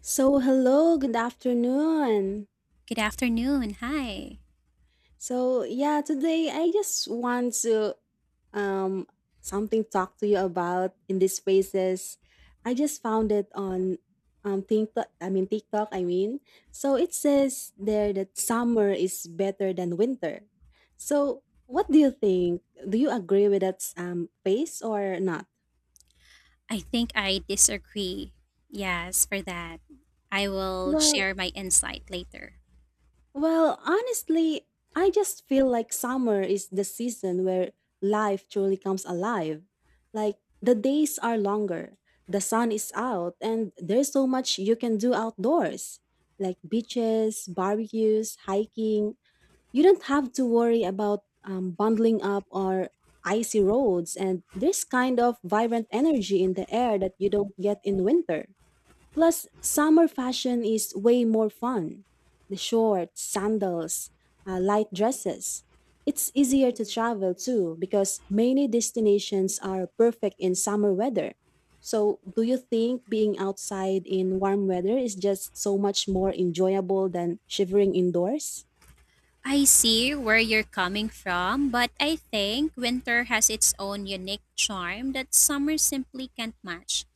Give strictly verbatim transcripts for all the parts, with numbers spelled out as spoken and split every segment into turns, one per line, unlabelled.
So, hello, good afternoon.
Good afternoon. Hi.
So, yeah, today I just want to um something talk to you about in these spaces. I just found it on um TikTok, I mean TikTok, I mean. So, it says there that summer is better than winter. So, what do you think? Do you agree with that um phase or not?
I think I disagree. Yes, for that. I will
Well.
share my insight later.
Well, honestly, I just feel like summer is the season where life truly comes alive. Like, the days are longer, the sun is out, and there's so much you can do outdoors, like beaches, barbecues, hiking. You don't have to worry about um, bundling up or icy roads, and there's kind of vibrant energy in the air that you don't get in winter. Plus, summer fashion is way more fun. The shorts, sandals, uh, light dresses. It's easier to travel too because many destinations are perfect in summer weather. So, do you think being outside in warm weather is just so much more enjoyable than shivering indoors?
I see where you're coming from, but I think winter has its own unique charm that summer simply can't match.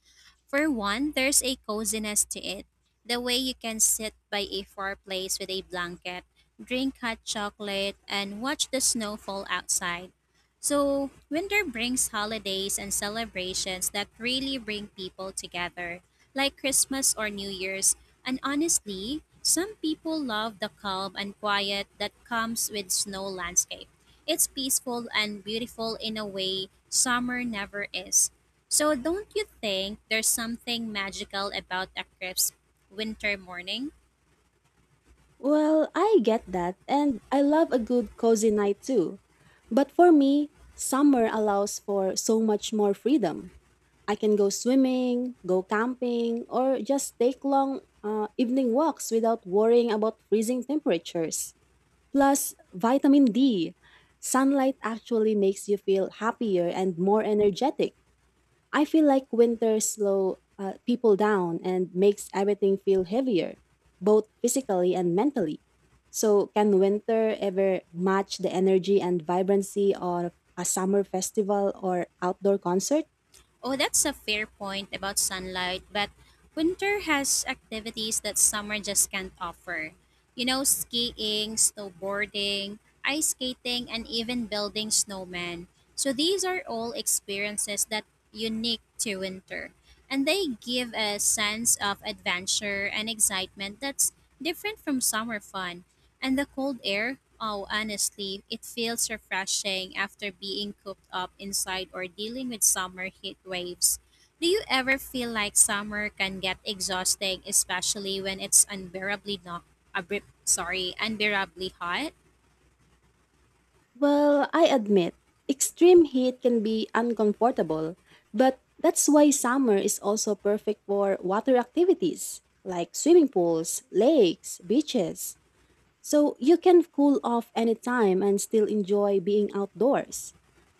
For one, there's a coziness to it. The way you can sit by a fireplace with a blanket, drink hot chocolate, and watch the snow fall outside. So, winter brings holidays and celebrations that really bring people together, like Christmas or New Year's. And honestly, some people love the calm and quiet that comes with snow landscape. It's peaceful and beautiful in a way summer never is. So, don't you think there's something magical about a crisp winter morning?
Well, I get that, and I love a good cozy night too. But for me, summer allows for so much more freedom. I can go swimming, go camping, or just take long uh, evening walks without worrying about freezing temperatures. Plus, vitamin D. Sunlight actually makes you feel happier and more energetic. I feel like winter slow uh, people down and makes everything feel heavier, both physically and mentally. So, can winter ever match the energy and vibrancy of a summer festival or outdoor concert?
Oh, that's a fair point about sunlight, but winter has activities that summer just can't offer. You know, skiing, snowboarding, ice skating, and even building snowmen. So, these are all experiences that unique to winter, and they give a sense of adventure and excitement that's different from summer fun. And the cold air, oh, honestly, it feels refreshing after being cooped up inside or dealing with summer heat waves. Do you ever feel like summer can get exhausting, especially when it's unbearably not abri- sorry, unbearably hot?
Well, I admit, extreme heat can be uncomfortable, but that's why summer is also perfect for water activities like swimming pools, lakes, beaches. So you can cool off anytime and still enjoy being outdoors.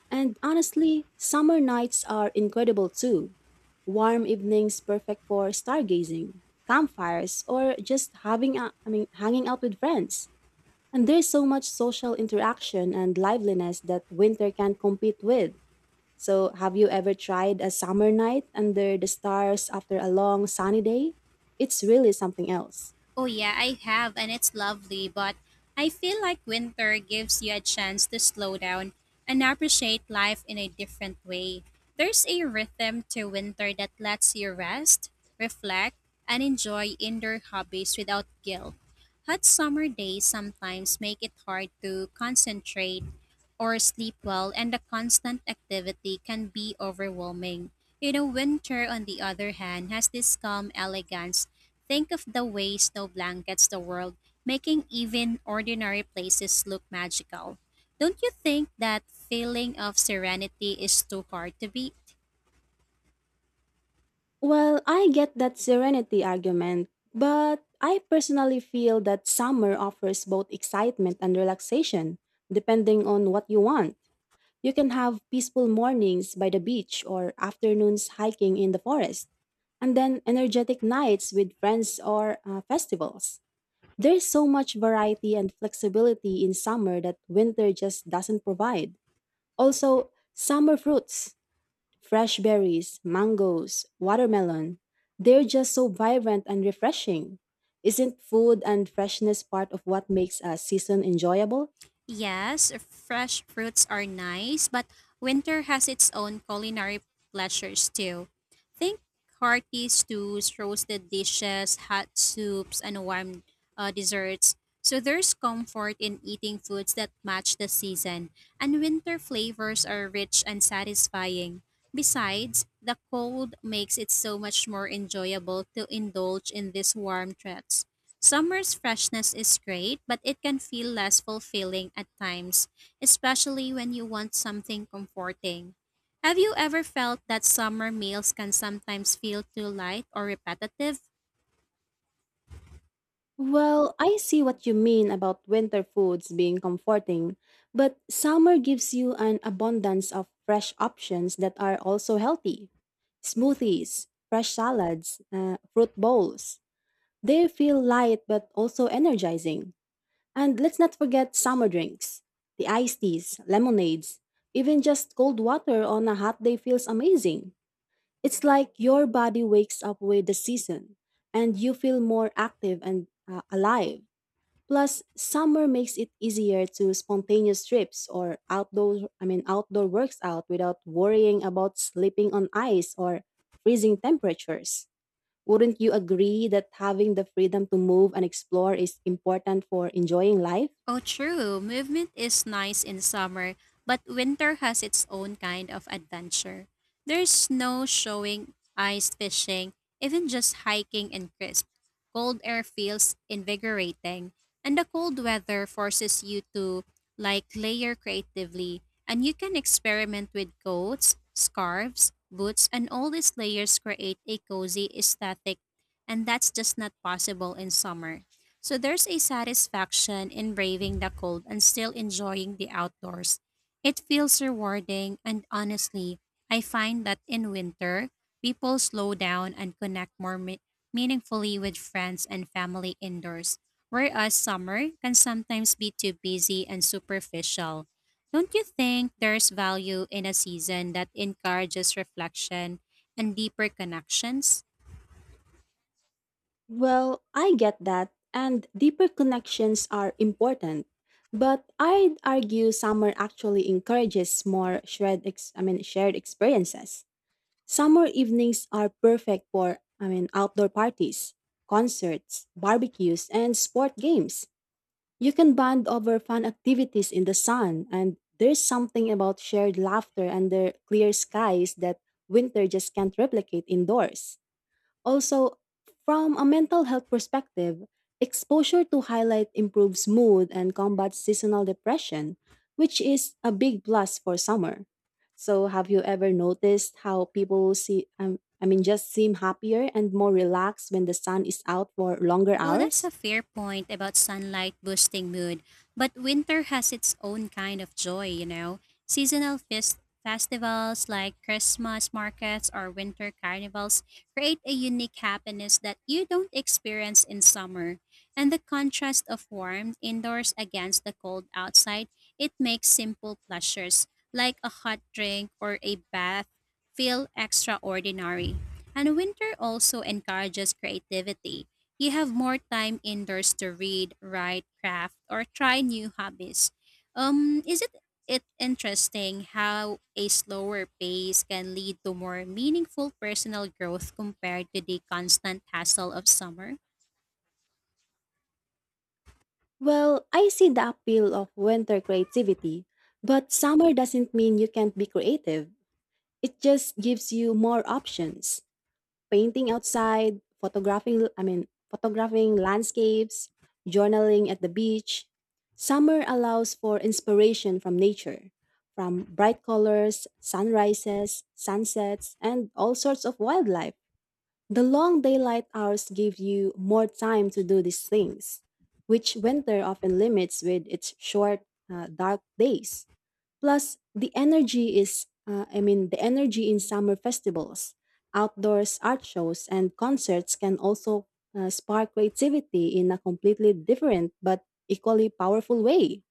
And honestly, summer nights are incredible too. Warm evenings perfect for stargazing, campfires, or just having a, I mean hanging out with friends. And there's so much social interaction and liveliness that winter can't compete with. So, have you ever tried a summer night under the stars after a long sunny day? It's really something else.
Oh, yeah, I have, and it's lovely, but I feel like winter gives you a chance to slow down and appreciate life in a different way. There's a rhythm to winter that lets you rest, reflect, and enjoy indoor hobbies without guilt. Hot summer days sometimes make it hard to concentrate or sleep well, and the constant activity can be overwhelming. You know, winter, on the other hand, has this calm elegance. Think of the way snow blankets the world, making even ordinary places look magical. Don't you think that feeling of serenity is too hard to beat?
Well, I get that serenity argument, but I personally feel that summer offers both excitement and relaxation, depending on what you want. You can have peaceful mornings by the beach or afternoons hiking in the forest, and then energetic nights with friends or uh, festivals. There's so much variety and flexibility in summer that winter just doesn't provide. Also, summer fruits, fresh berries, mangoes, watermelon, they're just so vibrant and refreshing. Isn't food and freshness part of what makes a season enjoyable?
Yes, fresh fruits are nice, but winter has its own culinary pleasures too. Think hearty stews, roasted dishes, hot soups, and warm uh, desserts. So there's comfort in eating foods that match the season, and winter flavors are rich and satisfying. Besides, the cold makes it so much more enjoyable to indulge in these warm treats. Summer's freshness is great, but it can feel less fulfilling at times, especially when you want something comforting. Have you ever felt that summer meals can sometimes feel too light or repetitive?
Well, I see what you mean about winter foods being comforting, but summer gives you an abundance of fresh options that are also healthy. Smoothies, fresh salads, uh, fruit bowls. They feel light but also energizing. And let's not forget summer drinks. The iced teas, lemonades, even just cold water on a hot day feels amazing. It's like your body wakes up with the season and you feel more active and uh, alive. Plus, summer makes it easier to spontaneous trips or outdoor I mean outdoor works out without worrying about slipping on ice or freezing temperatures. Wouldn't you agree that having the freedom to move and explore is important for enjoying life?
Oh, true. Movement is nice in summer, but winter has its own kind of adventure. There's snow showing, ice fishing, even just hiking and crisp. Cold air feels invigorating, and the cold weather forces you to like layer creatively, and you can experiment with coats, scarves, boots, and all these layers create a cozy aesthetic, and that's just not possible in summer. So there's a satisfaction in braving the cold and still enjoying the outdoors. It feels rewarding, and honestly, I find that in winter, people slow down and connect more me- meaningfully with friends and family indoors, whereas summer can sometimes be too busy and superficial. Don't you think there's value in a season that encourages reflection and deeper connections?
Well, I get that, and deeper connections are important. But I'd argue summer actually encourages more shared ex- I mean shared experiences. Summer evenings are perfect for, I mean, outdoor parties, concerts, barbecues, and sport games. You can bond over fun activities in the sun, and there's something about shared laughter under clear skies that winter just can't replicate indoors. Also, from a mental health perspective, exposure to highlight improves mood and combats seasonal depression, which is a big plus for summer. So, have you ever noticed how people see, um, I mean, just seem happier and more relaxed when the sun is out for longer
Oh, that's
hours?
a fair point about sunlight boosting mood, but winter has its own kind of joy, you know. Seasonal fest- festivals like Christmas markets or winter carnivals create a unique happiness that you don't experience in summer. And the contrast of warmth indoors against the cold outside, it makes simple pleasures like a hot drink or a bath feel extraordinary. And winter also encourages creativity. You have more time indoors to read, write, craft, or try new hobbies. Um, is it it interesting how a slower pace can lead to more meaningful personal growth compared to the constant hassle of summer?
Well, I see the appeal of winter creativity, but summer doesn't mean you can't be creative. It just gives you more options. Painting outside, photographing, I mean, photographing landscapes, journaling at the beach. Summer allows for inspiration from nature, from bright colors, sunrises, sunsets, and all sorts of wildlife. The long daylight hours give you more time to do these things, which winter often limits with its short, uh, dark days. Plus, the energy is, uh, I mean, the energy in summer festivals, outdoors art shows, and concerts can also uh, spark creativity in a completely different but equally powerful way.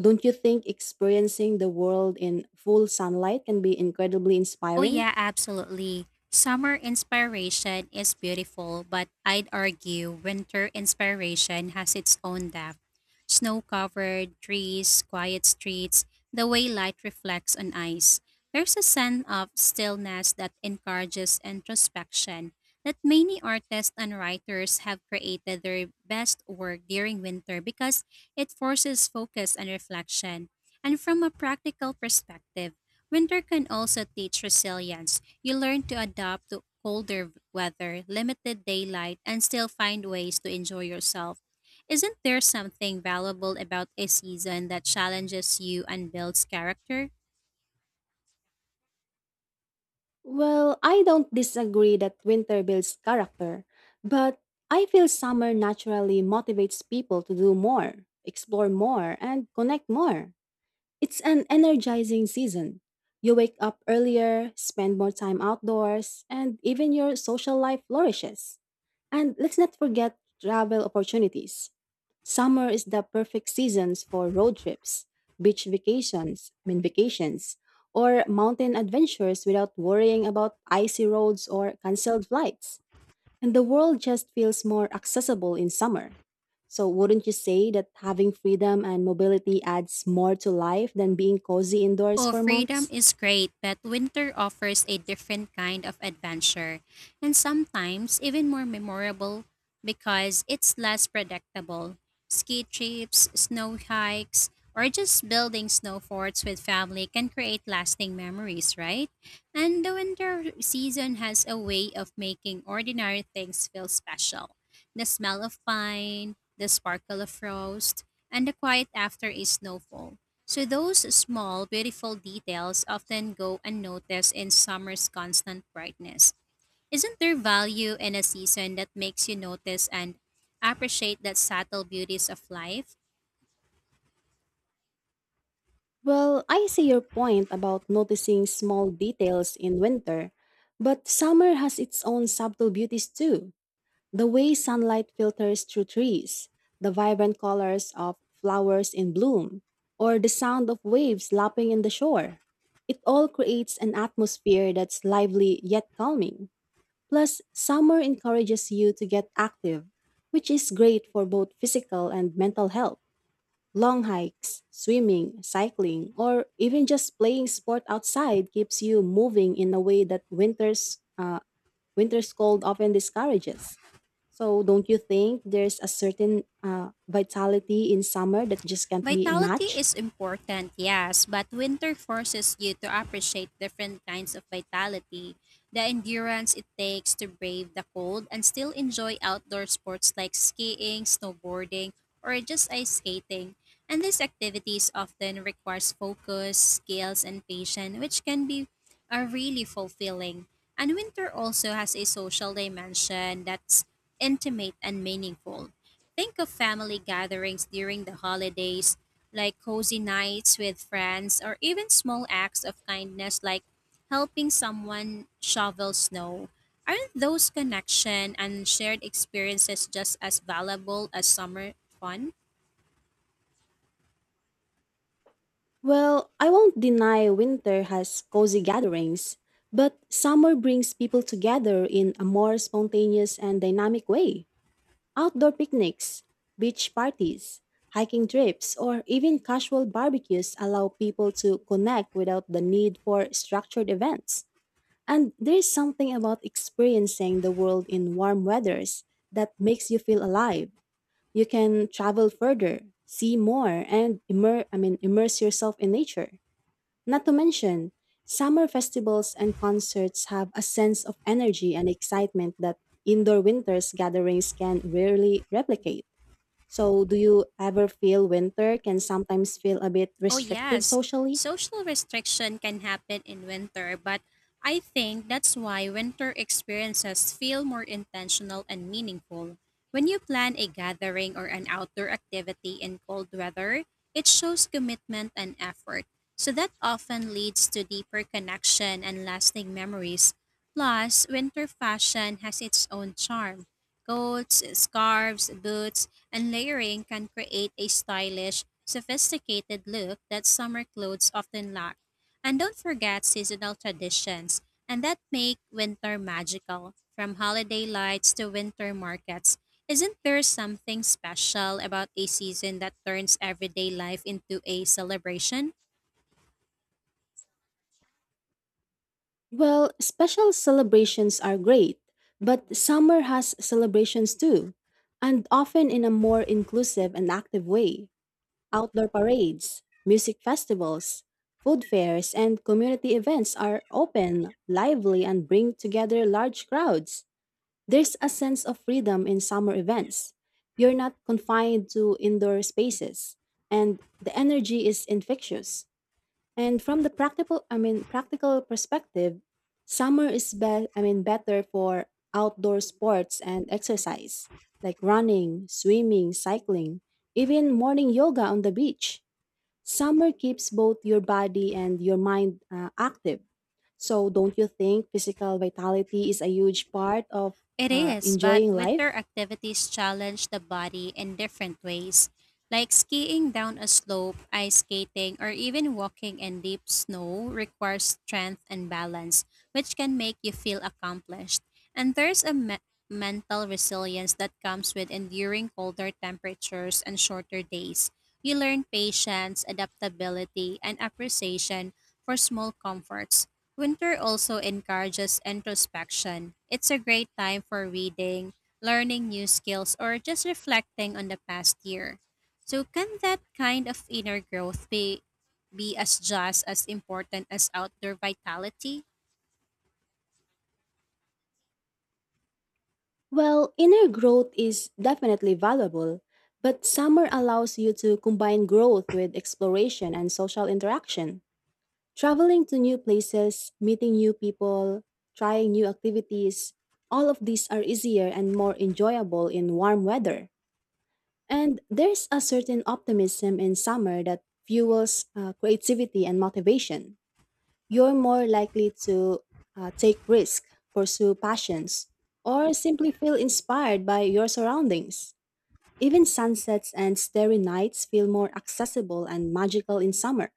Don't you think experiencing the world in full sunlight can be incredibly
Oh,
inspiring?
yeah, absolutely. Summer inspiration is beautiful, but I'd argue winter inspiration has its own depth. Snow covered trees, quiet streets, the way light reflects on ice. There's a sense of stillness that encourages introspection, that many artists and writers have created their best work during winter because it forces focus and reflection. And from a practical perspective, winter can also teach resilience. You learn to adapt to colder weather, limited daylight, and still find ways to enjoy yourself. Isn't there something valuable about a season that challenges you and builds character?
Well, I don't disagree that winter builds character, but I feel summer naturally motivates people to do more, explore more, and connect more. It's an energizing season. You wake up earlier, spend more time outdoors, and even your social life flourishes. And let's not forget travel opportunities. Summer is the perfect seasons for road trips, beach vacations, I mean vacations, or mountain adventures without worrying about icy roads or canceled flights. And the world just feels more accessible in summer. So, wouldn't you say that having freedom and mobility adds more to life than being cozy indoors
Oh,
for
freedom
months?
is great, but winter offers a different kind of adventure, and sometimes even more memorable because it's less predictable. Ski trips, snow hikes, or just building snow forts with family can create lasting memories, right? And the winter season has a way of making ordinary things feel special. The smell of pine, the sparkle of frost, and the quiet after a snowfall. So those small, beautiful details often go unnoticed in summer's constant brightness. Isn't there value in a season that makes you notice and appreciate that subtle beauties of life?
Well, I see your point about noticing small details in winter, but summer has its own subtle beauties too. The way sunlight filters through trees, the vibrant colors of flowers in bloom, or the sound of waves lapping in the shore. It all creates an atmosphere that's lively yet calming. Plus, summer encourages you to get active, which is great for both physical and mental health. Long hikes, swimming, cycling, or even just playing sport outside keeps you moving in a way that winter's uh, winter's cold often discourages. So, don't you think there's a certain uh, vitality in summer that just can't be a
Vitality
match?
is important, yes, but winter forces you to appreciate different kinds of vitality, the endurance it takes to brave the cold and still enjoy outdoor sports like skiing, snowboarding, or just ice skating. And these activities often requires focus, skills, and patience, which can be are really fulfilling. And winter also has a social dimension that's intimate and meaningful. Think of family gatherings during the holidays, like cozy nights with friends, or even small acts of kindness like helping someone shovel snow. Aren't those connection and shared experiences just as valuable as summer fun?
Well, I won't deny winter has cozy gatherings, but summer brings people together in a more spontaneous and dynamic way. Outdoor picnics, beach parties, hiking trips, or even casual barbecues allow people to connect without the need for structured events. And there's something about experiencing the world in warm weathers that makes you feel alive. You can travel further, see more, and immer- I mean, immerse yourself in nature. Not to mention, summer festivals and concerts have a sense of energy and excitement that indoor winters gatherings can rarely replicate. So, do you ever feel winter can sometimes feel a bit
Oh,
restrictive
yes.
socially?
Social restriction can happen in winter, but I think that's why winter experiences feel more intentional and meaningful. When you plan a gathering or an outdoor activity in cold weather, it shows commitment and effort. So that often leads to deeper connection and lasting memories. Plus, winter fashion has its own charm. Coats, scarves, boots, and layering can create a stylish, sophisticated look that summer clothes often lack. And don't forget seasonal traditions, and that make winter magical. From holiday lights to winter markets, isn't there something special about a season that turns everyday life into a celebration?
Well, special celebrations are great, but summer has celebrations too, and often in a more inclusive and active way. Outdoor parades, music festivals, food fairs, and community events are open, lively, and bring together large crowds. There's a sense of freedom in summer events. You're not confined to indoor spaces, and the energy is infectious. And from the practical, I mean, practical perspective, summer is be- I mean, better for outdoor sports and exercise like running, swimming, cycling, even morning yoga on the beach. Summer keeps both your body and your mind uh, active. So, don't you think physical vitality is a huge part of
It
uh,
is, but
enjoying
winter
life?
activities challenge the body in different ways, like skiing down a slope, ice skating, or even walking in deep snow requires strength and balance, which can make you feel accomplished. And there's a me- mental resilience that comes with enduring colder temperatures and shorter days. You learn patience, adaptability, and appreciation for small comforts. Winter also encourages introspection. It's a great time for reading, learning new skills, or just reflecting on the past year. So, can that kind of inner growth be, be as just as important as outdoor vitality?
Well, inner growth is definitely valuable, but summer allows you to combine growth with exploration and social interaction. Traveling to new places, meeting new people, trying new activities, all of these are easier and more enjoyable in warm weather. And there's a certain optimism in summer that fuels uh, creativity and motivation. You're more likely to uh, take risks, pursue passions, or simply feel inspired by your surroundings. Even sunsets and starry nights feel more accessible and magical in summer.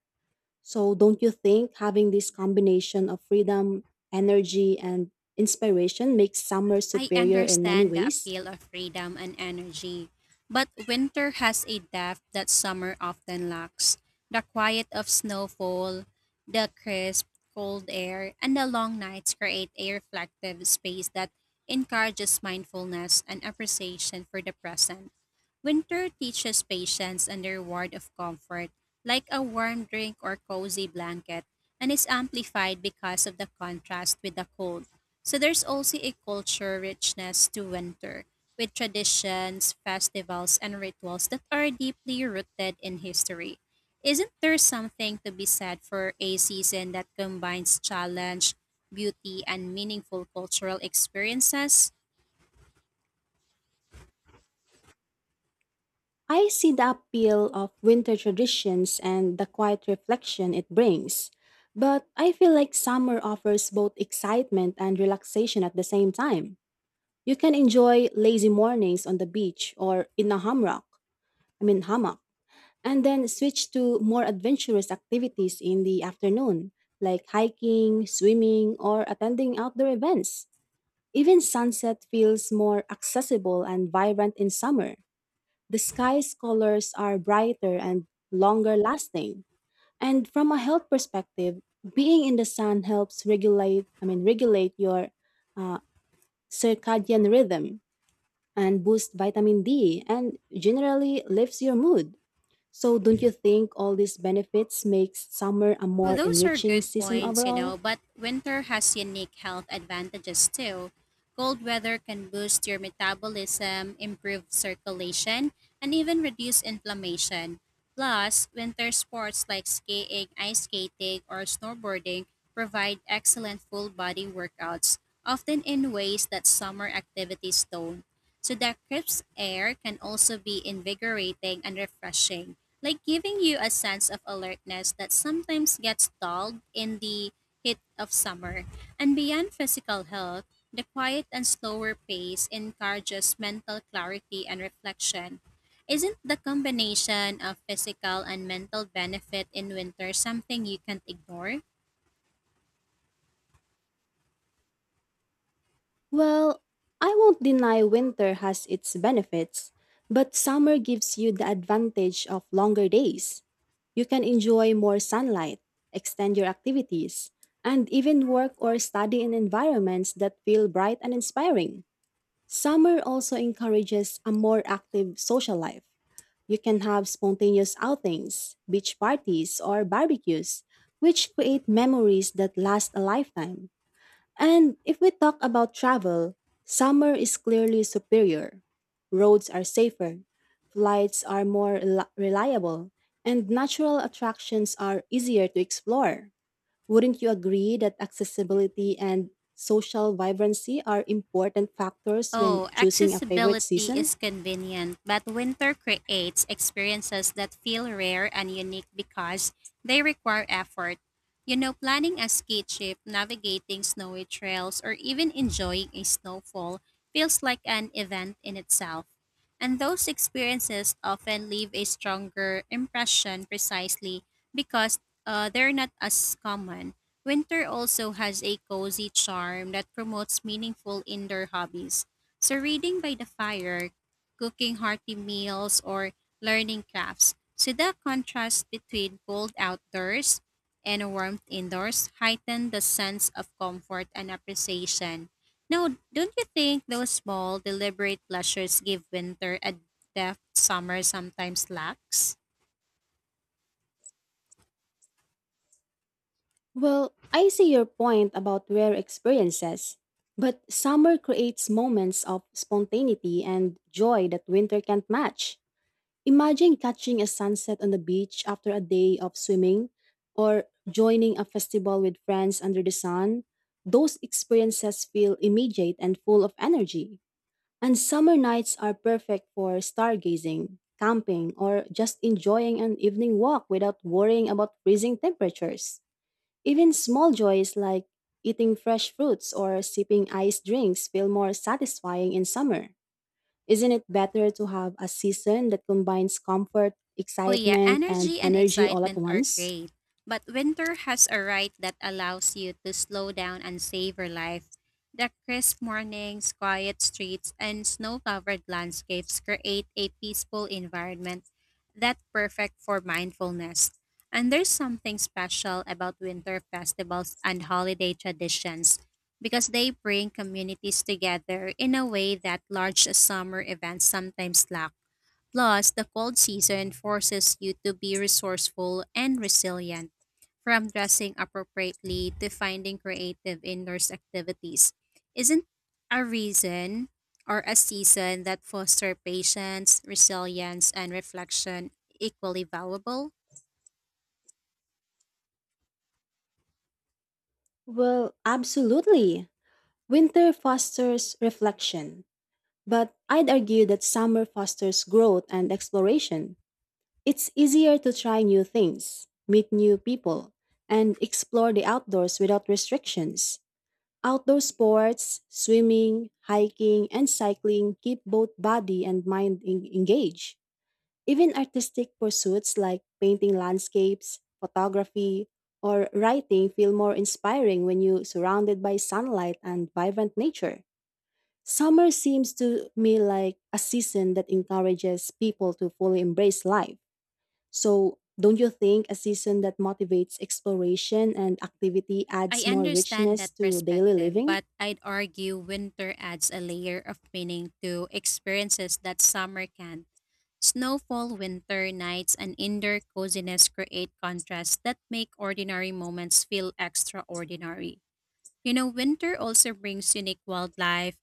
So, don't you think having this combination of freedom, energy, and inspiration makes summer
I
superior in many
understand the
ways?
appeal of freedom and energy, but winter has a depth that summer often lacks. The quiet of snowfall, the crisp, cold air, and the long nights create a reflective space that encourages mindfulness and appreciation for the present. Winter teaches patience and the reward of comfort, like a warm drink or cozy blanket, and is amplified because of the contrast with the cold. So there's also a culture richness to winter, with traditions, festivals, and rituals that are deeply rooted in history. Isn't there something to be said for a season that combines challenge, beauty, and meaningful cultural experiences?
I see the appeal of winter traditions and the quiet reflection it brings, but I feel like summer offers both excitement and relaxation at the same time. You can enjoy lazy mornings on the beach or in a hammock, I mean hammock, and then switch to more adventurous activities in the afternoon, like hiking, swimming, or attending outdoor events. Even sunset feels more accessible and vibrant in summer. The sky's colors are brighter and longer lasting. And from a health perspective, being in the sun helps regulate, I mean, regulate your uh, circadian rhythm and boost vitamin D and generally lifts your mood. So don't you think all these benefits makes summer a
Well,
more
those are
enriching
good
season
points, you
overall?
know, but winter has unique health advantages too. Cold weather can boost your metabolism, improve circulation, and even reduce inflammation. Plus, winter sports like skiing, ice skating, or snowboarding provide excellent full body workouts, often in ways that summer activities don't. So that crisp air can also be invigorating and refreshing, like giving you a sense of alertness that sometimes gets dulled in the heat of summer. And beyond physical health, the quiet and slower pace encourages mental clarity and reflection. Isn't the combination of physical and mental benefit in winter something you can't ignore?
Well, I won't deny winter has its benefits, but summer gives you the advantage of longer days. You can enjoy more sunlight, extend your activities, and even work or study in environments that feel bright and inspiring. Summer also encourages a more active social life. You can have spontaneous outings, beach parties, or barbecues, which create memories that last a lifetime. And if we talk about travel, summer is clearly superior. Roads are safer, flights are more reli- reliable, and natural attractions are easier to explore. Wouldn't you agree that accessibility and social vibrancy are important factors when
Oh,
choosing a favorite
accessibility
season?
is convenient, but winter creates experiences that feel rare and unique because they require effort. You know, planning a ski trip, navigating snowy trails, or even enjoying a snowfall feels like an event in itself. And those experiences often leave a stronger impression precisely because uh, they're not as common. Winter also has a cozy charm that promotes meaningful indoor hobbies. So reading by the fire, cooking hearty meals, or learning crafts. So the contrast between cold outdoors and warmth indoors heighten the sense of comfort and appreciation. Now, don't you think those small, deliberate pleasures give winter a depth summer sometimes lacks?
Well, I see your point about rare experiences, but summer creates moments of spontaneity and joy that winter can't match. Imagine catching a sunset on the beach after a day of swimming or joining a festival with friends under the sun. Those experiences feel immediate and full of energy. And summer nights are perfect for stargazing, camping, or just enjoying an evening walk without worrying about freezing temperatures. Even small joys like eating fresh fruits or sipping iced drinks feel more satisfying in summer. Isn't it better to have a season that combines comfort,
Oh yeah,
excitement, and
energy and
energy all at
excitement are
once?
great, but winter has a ride that allows you to slow down and savor life. The crisp mornings, quiet streets, and snow-covered landscapes create a peaceful environment that's perfect for mindfulness. And there's something special about winter festivals and holiday traditions because they bring communities together in a way that large summer events sometimes lack. Plus, the cold season forces you to be resourceful and resilient, from dressing appropriately to finding creative indoors activities. Isn't a reason or a season that foster patience, resilience, and reflection equally valuable?
Well, absolutely. Winter fosters reflection, but I'd argue that summer fosters growth and exploration. It's easier to try new things, meet new people, and explore the outdoors without restrictions. Outdoor sports, swimming, hiking, and cycling keep both body and mind en- engaged. Even artistic pursuits like painting landscapes, photography, or writing feel more inspiring when you're surrounded by sunlight and vibrant nature. Summer seems to me like a season that encourages people to fully embrace life. So, don't you think a season that motivates exploration and activity
I
adds more
understand
richness
that
to daily
perspective,
living?
but I'd argue winter adds a layer of meaning to experiences that summer can't. Snowfall, winter nights, and indoor coziness create contrasts that make ordinary moments feel extraordinary. You know, winter also brings unique wildlife,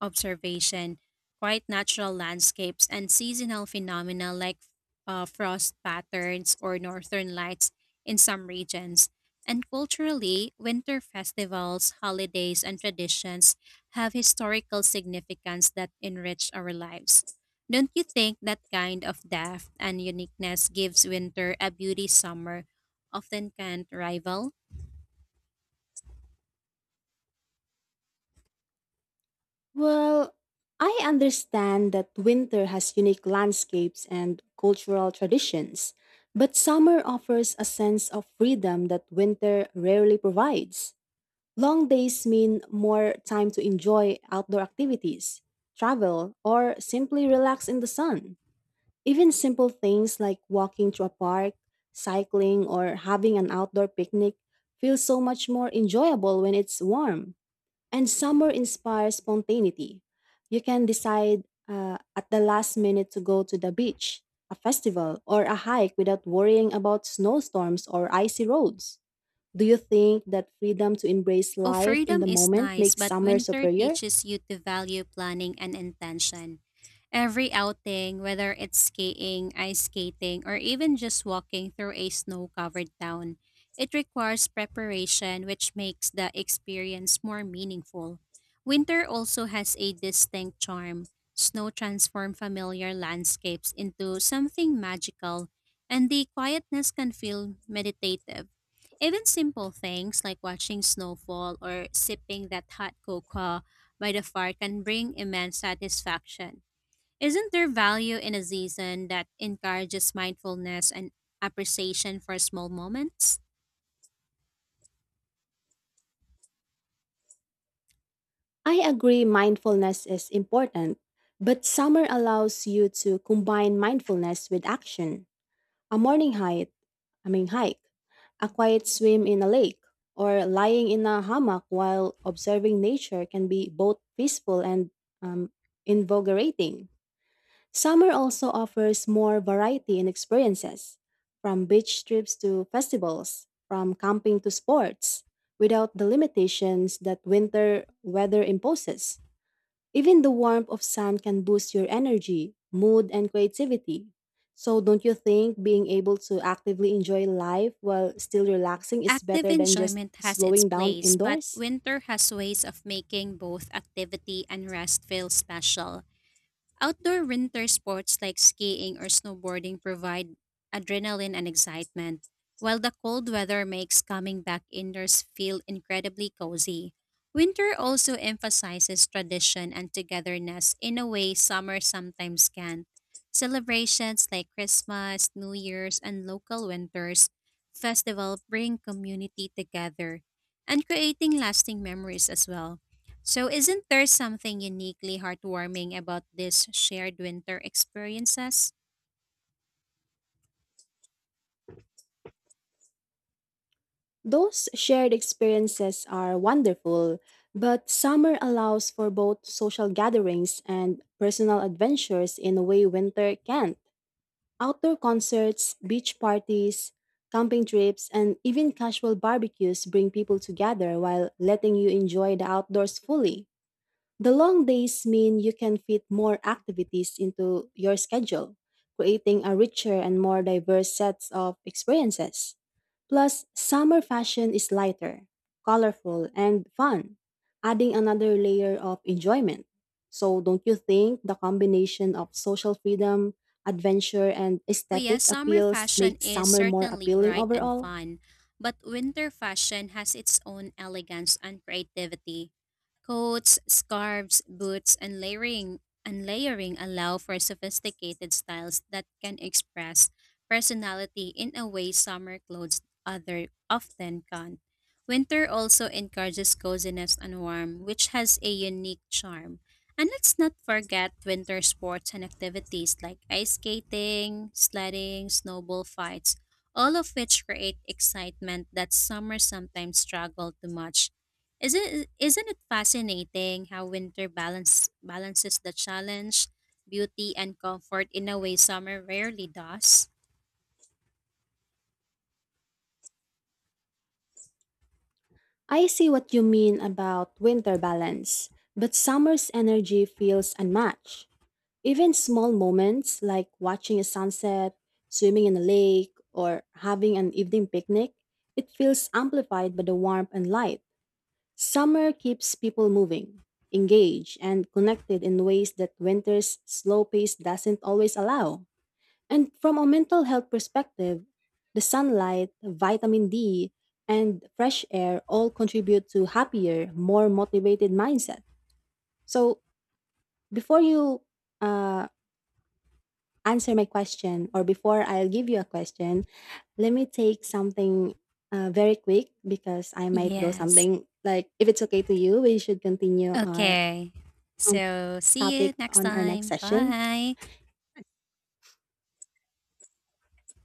observation, quite natural landscapes, and seasonal phenomena like uh, frost patterns or northern lights in some regions. And culturally, winter festivals, holidays, and traditions have historical significance that enrich our lives. Don't you think that kind of depth and uniqueness gives winter a beauty summer often can't rival?
Well, I understand that winter has unique landscapes and cultural traditions, but summer offers a sense of freedom that winter rarely provides. Long days mean more time to enjoy outdoor activities, travel, or simply relax in the sun. Even simple things like walking to a park, cycling, or having an outdoor picnic feel so much more enjoyable when it's warm. And summer inspires spontaneity. You can decide uh, at the last minute to go to the beach, a festival, or a hike without worrying about snowstorms or icy roads. Do you think that freedom to embrace
Oh,
life in
freedom
the
is
moment
nice,
makes
but
summer
winter
superior?
teaches you to value planning and intention. Every outing, whether it's skiing, ice skating, or even just walking through a snow covered town, it requires preparation, which makes the experience more meaningful. Winter also has a distinct charm. Snow transforms familiar landscapes into something magical, and the quietness can feel meditative. Even simple things like watching snowfall or sipping that hot cocoa by the fire can bring immense satisfaction. Isn't there value in a season that encourages mindfulness and appreciation for small moments?
I agree, mindfulness is important, but summer allows you to combine mindfulness with action. A morning hike, I mean, hike a quiet swim in a lake or lying in a hammock while observing nature can be both peaceful and um, invigorating. Summer also offers more variety in experiences, from beach trips to festivals, from camping to sports, without the limitations that winter weather imposes. Even the warmth of sun can boost your energy, mood, and creativity. So, don't you think being able to actively enjoy life while still relaxing is
Active
better than just
enjoyment has its
slowing down
place, but
indoors?
winter has ways of making both activity and rest feel special. Outdoor winter sports like skiing or snowboarding provide adrenaline and excitement, while the cold weather makes coming back indoors feel incredibly cozy. Winter also emphasizes tradition and togetherness in a way summer sometimes can. Celebrations like Christmas, New Year's, and local winters festival bring community together and creating lasting memories as well. So, isn't there something uniquely heartwarming about these shared winter experiences?
Those shared experiences are wonderful, but summer allows for both social gatherings and personal adventures in a way winter can't. Outdoor concerts, beach parties, camping trips, and even casual barbecues bring people together while letting you enjoy the outdoors fully. The long days mean you can fit more activities into your schedule, creating a richer and more diverse sets of experiences. Plus, summer fashion is lighter, colorful, and fun, adding another layer of enjoyment. So, don't you think the combination of social freedom, adventure, and
Well,
aesthetic
yes, summer
appeals
fashion
makes
is
summer more
certainly
appealing
bright and
overall?
fun, but winter fashion has its own elegance and creativity. Coats, scarves, boots, and layering and layering allow for sophisticated styles that can express personality in a way summer clothes other often can't. Winter also encourages coziness and warmth, which has a unique charm. And let's not forget winter sports and activities like ice skating, sledding, snowball fights, all of which create excitement that summer sometimes struggle to match. Isn't, isn't it fascinating how winter balance, balances the challenge, beauty, and comfort in a way summer rarely does?
I see what you mean about winter balance, but summer's energy feels unmatched. Even small moments like watching a sunset, swimming in a lake, or having an evening picnic, it feels amplified by the warmth and light. Summer keeps people moving, engaged, and connected in ways that winter's slow pace doesn't always allow. And from a mental health perspective, the sunlight, vitamin D, and fresh air all contribute to happier, more motivated mindset. So before you uh, answer my question or before I'll give you a question, let me take something uh, very quick because I might go
Yes.
something like if it's okay to you, we should continue our
Okay.
um,
So see you
topic
next
on our next
time.
session.
Bye.